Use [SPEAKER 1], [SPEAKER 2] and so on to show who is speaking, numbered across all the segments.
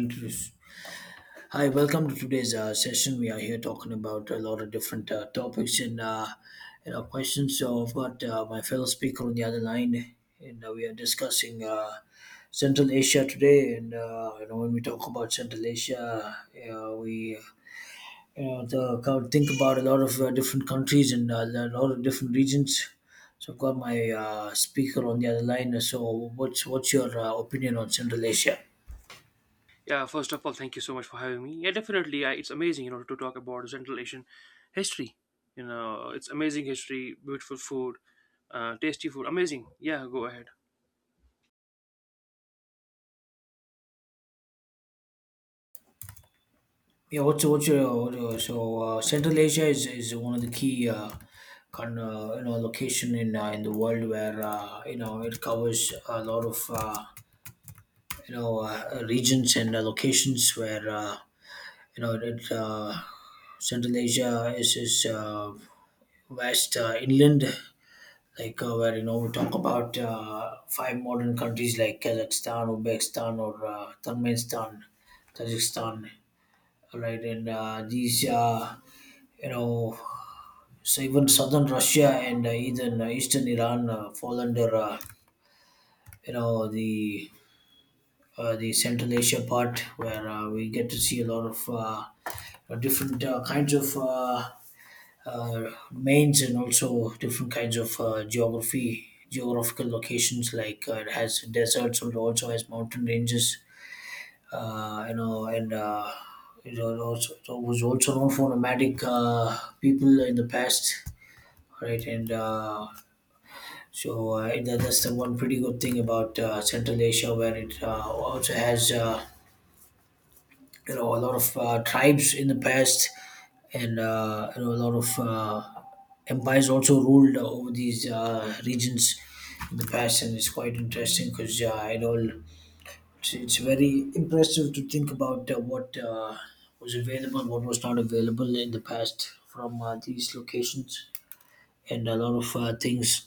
[SPEAKER 1] Introduce. Hi, welcome to today's session. We are here talking about a lot of different topics and questions. So I've got my fellow speaker on the other line, and we are discussing Central Asia today. And when we talk about Central Asia, we you know the, kind of think about a lot of different countries and a lot of different regions. So I've got my speaker on the other line. So what's your opinion on Central Asia?
[SPEAKER 2] Yeah, first of all, thank you so much for having me. Yeah, definitely. It's amazing, you know, to talk about Central Asian history. You know, it's amazing history, beautiful food, tasty food, amazing. Yeah, go ahead.
[SPEAKER 1] Yeah, what's your what so Central Asia is one of the key kind you know location in the world where it covers a lot of regions and locations where you know it, uh, Central Asia is vast inland where you know we talk about five modern countries like Kazakhstan, Uzbekistan, or Turkmenistan, Kazakhstan, all right? And these you know, so even southern Russia and even eastern Iran fall under, you know, the the Central Asia part where we get to see a lot of different kinds of mains and also different kinds of geography, geographical locations. Like it has deserts, but it also has mountain ranges. You know, and it was also known for nomadic people in the past, right? And that's the one pretty good thing about Central Asia, where it also has a lot of tribes in the past, and a lot of empires also ruled over these regions in the past, and it's quite interesting because it's very impressive to think about what was available, what was not available in the past from these locations, and a lot of things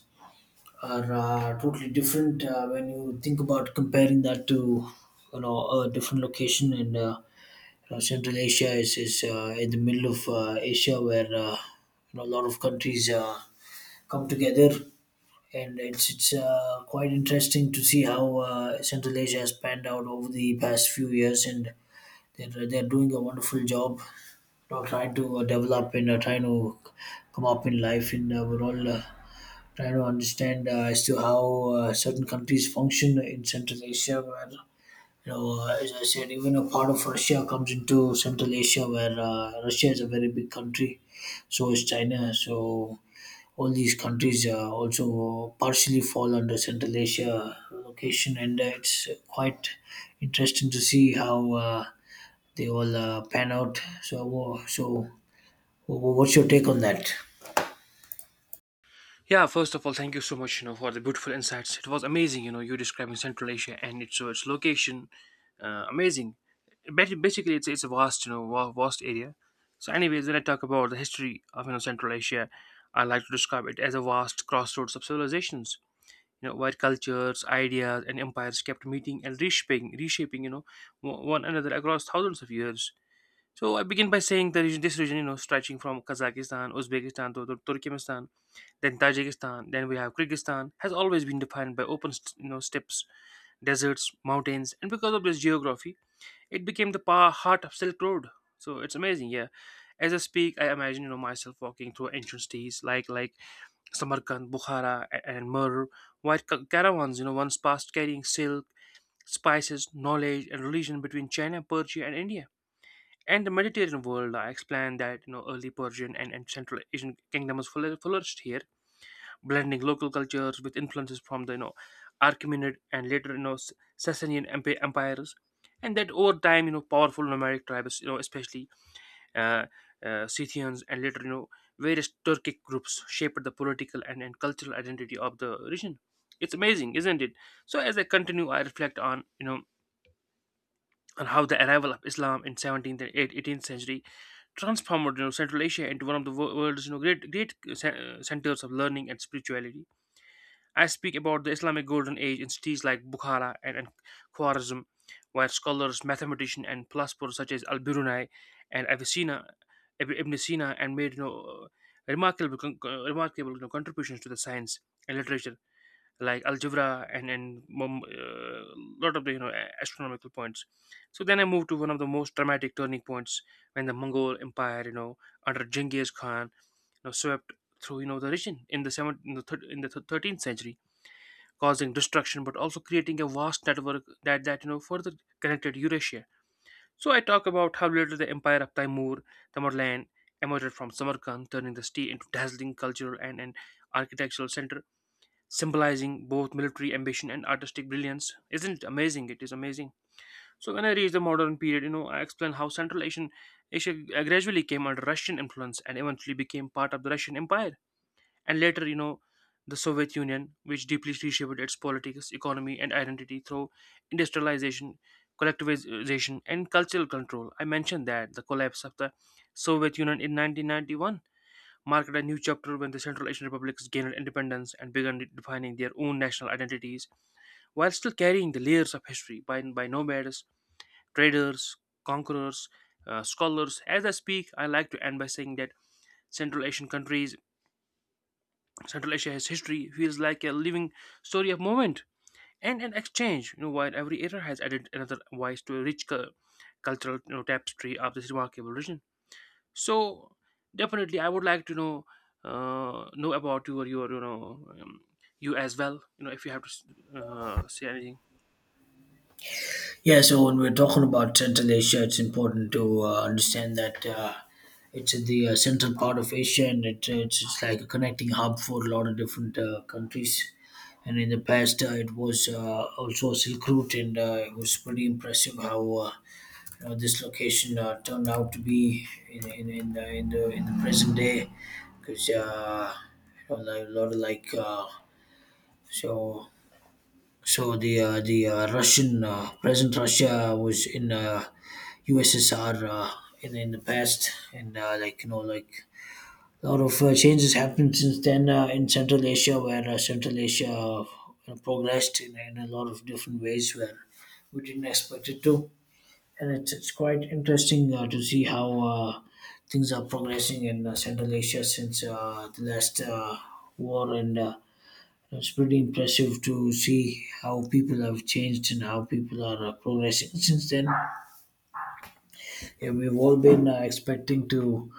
[SPEAKER 1] are totally different when you think about comparing that to you know a different location. And Central Asia is in the middle of Asia where a lot of countries come together, and it's quite interesting to see how Central Asia has panned out over the past few years, and they're doing a wonderful job, you know, trying to develop and trying to come up in life. And we're all trying to understand as to how certain countries function in Central Asia, where as I said, even a part of Russia comes into Central Asia, where Russia is a very big country, so is China. So all these countries also partially fall under Central Asia location, and it's quite interesting to see how they all pan out. So, what's your take on that?
[SPEAKER 2] Yeah, first of all, thank you so much, you know, for the beautiful insights. It was amazing, you know, you describing Central Asia and its so its location, amazing. Basically, it's a vast, you know, vast area. So, anyways, when I talk about the history of you know Central Asia, I like to describe it as a vast crossroads of civilizations, you know, where cultures, ideas, and empires kept meeting and reshaping, you know, one another across thousands of years. So I begin by saying that this region, you know, stretching from Kazakhstan, Uzbekistan, to Turkmenistan, then Tajikistan, then we have Kyrgyzstan, has always been defined by open you know, steppes, deserts, mountains, and because of this geography, it became the heart of Silk Road. So it's amazing, yeah. As I speak, I imagine, you know, myself walking through ancient cities like Samarkand, Bukhara, and Mur, white caravans, you know, once passed carrying silk, spices, knowledge, and religion between China, Persia, and India. And the Mediterranean world, I explained that, you know, early Persian and Central Asian kingdoms flourished here, blending local cultures with influences from the, you know, Achaemenid and later, you know, Sassanian Sasanian empires. And that over time, you know, powerful nomadic tribes, you know, especially uh, Scythians, and later, you know, various Turkic groups shaped the political and cultural identity of the region. It's amazing, isn't it? So as I continue, I reflect on, you know, on how the arrival of Islam in 17th and 18th century transformed, you know, Central Asia into one of the world's, you know, great centers of learning and spirituality. I speak about the Islamic Golden Age in cities like Bukhara and Khwarizm, where scholars, mathematicians, and philosophers such as Al Biruni and Avicenna, Ibn Sina, and made, you know, remarkable, you know, contributions to the science and literature, like algebra and lot of the, you know, astronomical points. So then I moved to one of the most dramatic turning points when the Mongol Empire, you know, under Genghis Khan, you know, swept through, you know, the region in the 13th century, causing destruction but also creating a vast network that, you know, further connected Eurasia. So I talk about how later the empire of Timur, Tamerlane emerged from Samarkand, turning the city into dazzling cultural and an architectural center, symbolizing both military ambition and artistic brilliance. Isn't it amazing? It is amazing. So when I reach the modern period, you know, I explain how Central Asian Asia gradually came under Russian influence and eventually became part of the Russian Empire and later, you know, the Soviet Union, which deeply reshaped its politics, economy, and identity through industrialization, collectivization, and cultural control. I mentioned that the collapse of the Soviet Union in 1991 marked a new chapter when the Central Asian republics gained independence and began defining their own national identities while still carrying the layers of history by nomads, traders, conquerors, scholars. As I speak, I like to end by saying that central asian countries Central Asia's history feels like a living story of movement and an exchange, you know, while every era has added another voice to a rich cultural, you know, tapestry of this remarkable region. So, definitely, I would like to know about your you know you as well. You know, if you have to say anything.
[SPEAKER 1] Yeah, so when we're talking about Central Asia, it's important to understand that it's in the central part of Asia, and it's like a connecting hub for a lot of different countries. And in the past, it was also a Silk Route, and it was pretty impressive how this location turned out to be in the present day. Because a lot of so the Russian present Russia was in USSR in the past, and a lot of changes happened since then in Central Asia, where Central Asia progressed in a lot of different ways where we didn't expect it to, and it's quite interesting to see how things are progressing in Central Asia since the last war, and it's pretty impressive to see how people have changed and how people are progressing since then. Yeah, we've all been expecting to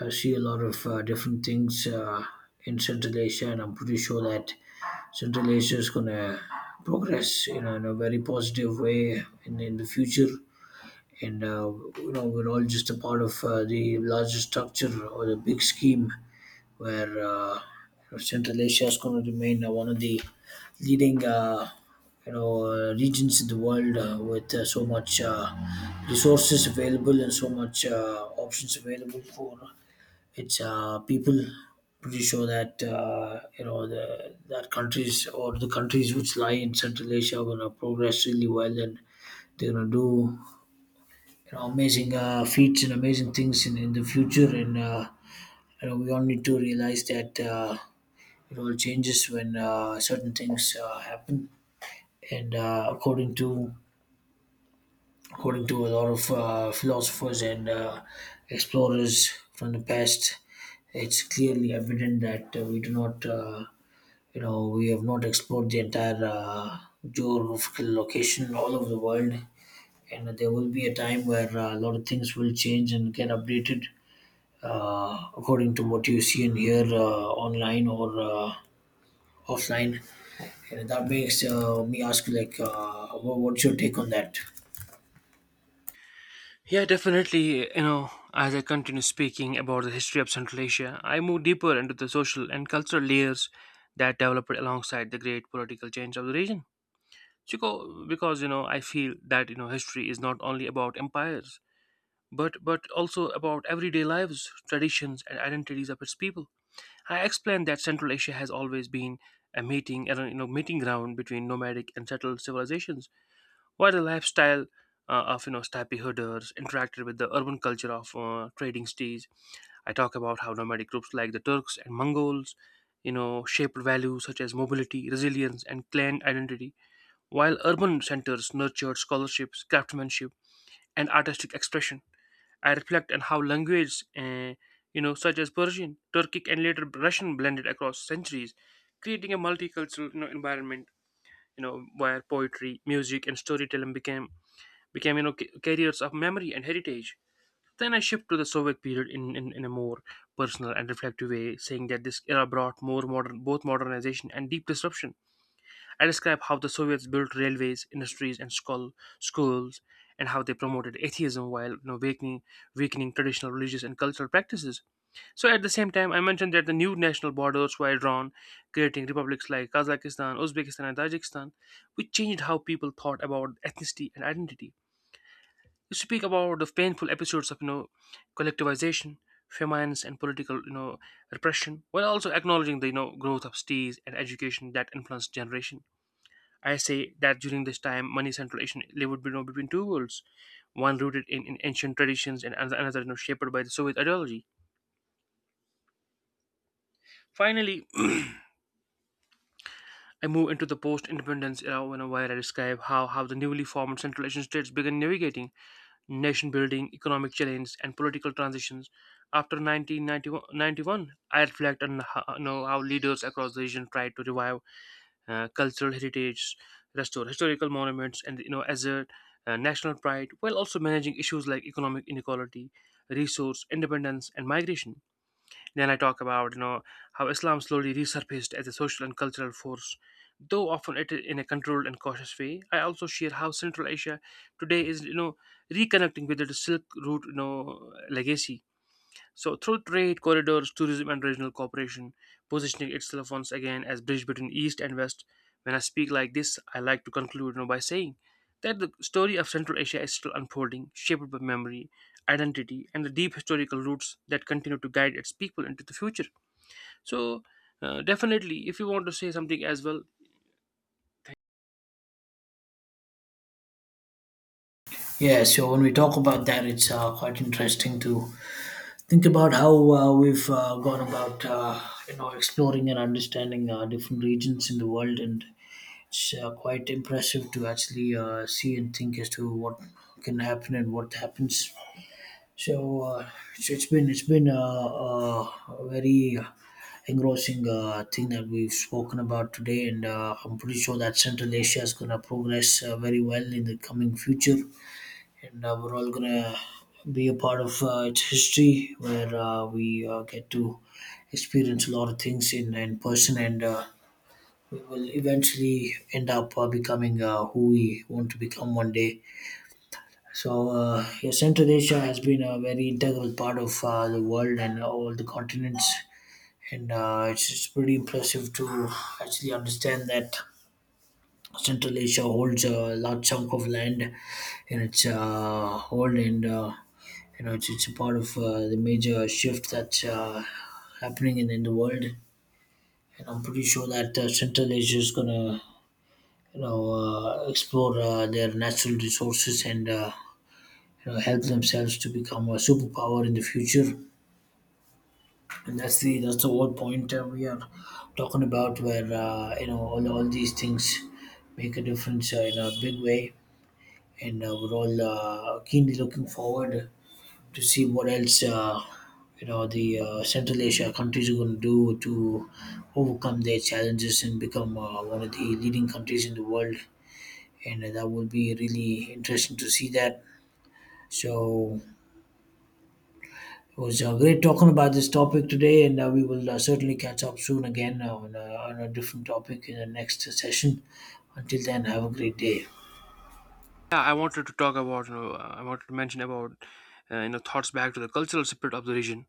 [SPEAKER 1] see a lot of different things in Central Asia, and I'm pretty sure that Central Asia is going to progress, you know, in a very positive way in the future. And we're all just a part of the larger structure or the big scheme where Central Asia is going to remain one of the leading regions in the world with so much resources available and so much options available for its people. Pretty sure that you know the that countries, or the countries which lie in Central Asia, are going to progress really well, and they're going to do you know amazing feats and amazing things in the future, and. We all need to realize that it all changes when certain things happen, and according to a lot of philosophers and explorers from the past, it's clearly evident that we do not, you know, we have not explored the entire geographical location all over the world, and there will be a time where a lot of things will change and get updated according to what you see and hear online or offline. Yeah, that makes me ask you, like, what's your take on that?
[SPEAKER 2] Yeah, definitely. You know, as I continue speaking about the history of Central Asia, I move deeper into the social and cultural layers that developed alongside the great political change of the region. Chico, because you know, I feel that you know history is not only about empires, but also about everyday lives, traditions, and identities of its people. I explained that Central Asia has always been a meeting, and you know, meeting ground between nomadic and settled civilizations, while the lifestyle of you know steppe herders interacted with the urban culture of trading cities. I talk about how nomadic groups like the Turks and Mongols, you know, shaped values such as mobility, resilience, and clan identity while urban centers nurtured scholarships, craftsmanship, and artistic expression. I reflect on how language, you know, such as Persian, Turkic, and later Russian blended across centuries, creating a multicultural, you know, environment. You know, where poetry, music, and storytelling became, you know, carriers of memory and heritage. Then I shift to the Soviet period in a more personal and reflective way, saying that this era brought more modern, both modernization and deep disruption. I describe how the Soviets built railways, industries, and schools, and how they promoted atheism while, you know, weakening traditional religious and cultural practices. So, at the same time, I mentioned that the new national borders were drawn, creating republics like Kazakhstan, Uzbekistan, and Tajikistan, which changed how people thought about ethnicity and identity. You speak about the painful episodes of, you know, collectivization, famines, and political, you know, repression, while also acknowledging the you know growth of cities and education that influenced generation. I say that during this time, money centralization lived, you know, between two worlds, one rooted in ancient traditions and another, you know, shaped by the Soviet ideology. Finally, I move into the post-independence era, you know, where I describe how the newly formed Central Asian states began navigating nation-building, economic challenges, and political transitions. After 1991, I reflect on how, you know, how leaders across the region tried to revive cultural heritage, restore historical monuments, and you know as a national pride, while also managing issues like economic inequality, resource independence, and migration. Then I talk about you know how Islam slowly resurfaced as a social and cultural force, though often it in a controlled and cautious way. I also share how Central Asia today is, you know, reconnecting with its Silk Route, you know, legacy so, through trade corridors, tourism, and regional cooperation, positioning itself once again as bridge between East and West. When I speak like this, I like to conclude, you know, by saying that the story of Central Asia is still unfolding, shaped by memory, identity, and the deep historical roots that continue to guide its people into the future. So, definitely, if you want to say something as well.
[SPEAKER 1] Yeah, so when we talk about that, it's quite interesting to think about how we've gone about, exploring and understanding different regions in the world, and it's quite impressive to actually see and think as to what can happen and what happens. So it's been a very engrossing thing that we've spoken about today, and I'm pretty sure that Central Asia is going to progress very well in the coming future, and we're all going to be a part of its history, where we get to experience a lot of things in person, and we will eventually end up becoming who we want to become one day. So, yeah, Central Asia has been a very integral part of the world and all the continents, and it's pretty impressive to actually understand that Central Asia holds a large chunk of land in its hold, and it's a part of the major shift that's happening in the world. And I'm pretty sure that Central Asia is gonna you know explore their natural resources, and help themselves to become a superpower in the future. And that's the whole point we are talking about, where all these things make a difference in a big way, and we're all keenly looking forward to see what else you know the Central Asia countries are going to do to overcome their challenges and become one of the leading countries in the world. And that will be really interesting to see that, so it was great talking about this topic today, and we will certainly catch up soon again on a different topic in the next session. Until then, have a great day.
[SPEAKER 2] Yeah, I wanted to talk about, you know, I wanted to mention about, you know, thoughts back to the cultural spirit of the region.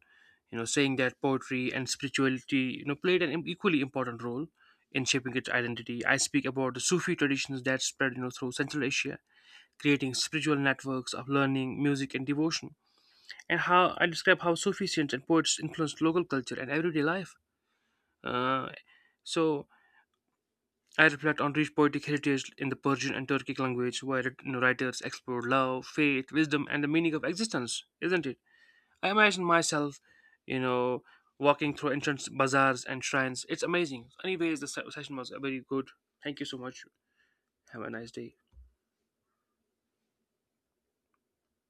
[SPEAKER 2] You know, saying that poetry and spirituality, you know, played an equally important role in shaping its identity. I speak about the Sufi traditions that spread, you know, through Central Asia, creating spiritual networks of learning, music, and devotion. And how I describe how Sufi saints and poets influenced local culture and everyday life. Uh, so I reflect on rich poetic heritage in the Persian and Turkic language, where, you know, writers explore love, faith, wisdom, and the meaning of existence, isn't it? I imagine myself, you know, walking through ancient bazaars and shrines. It's amazing. Anyways, the session was very good. Thank you so much. Have a nice day.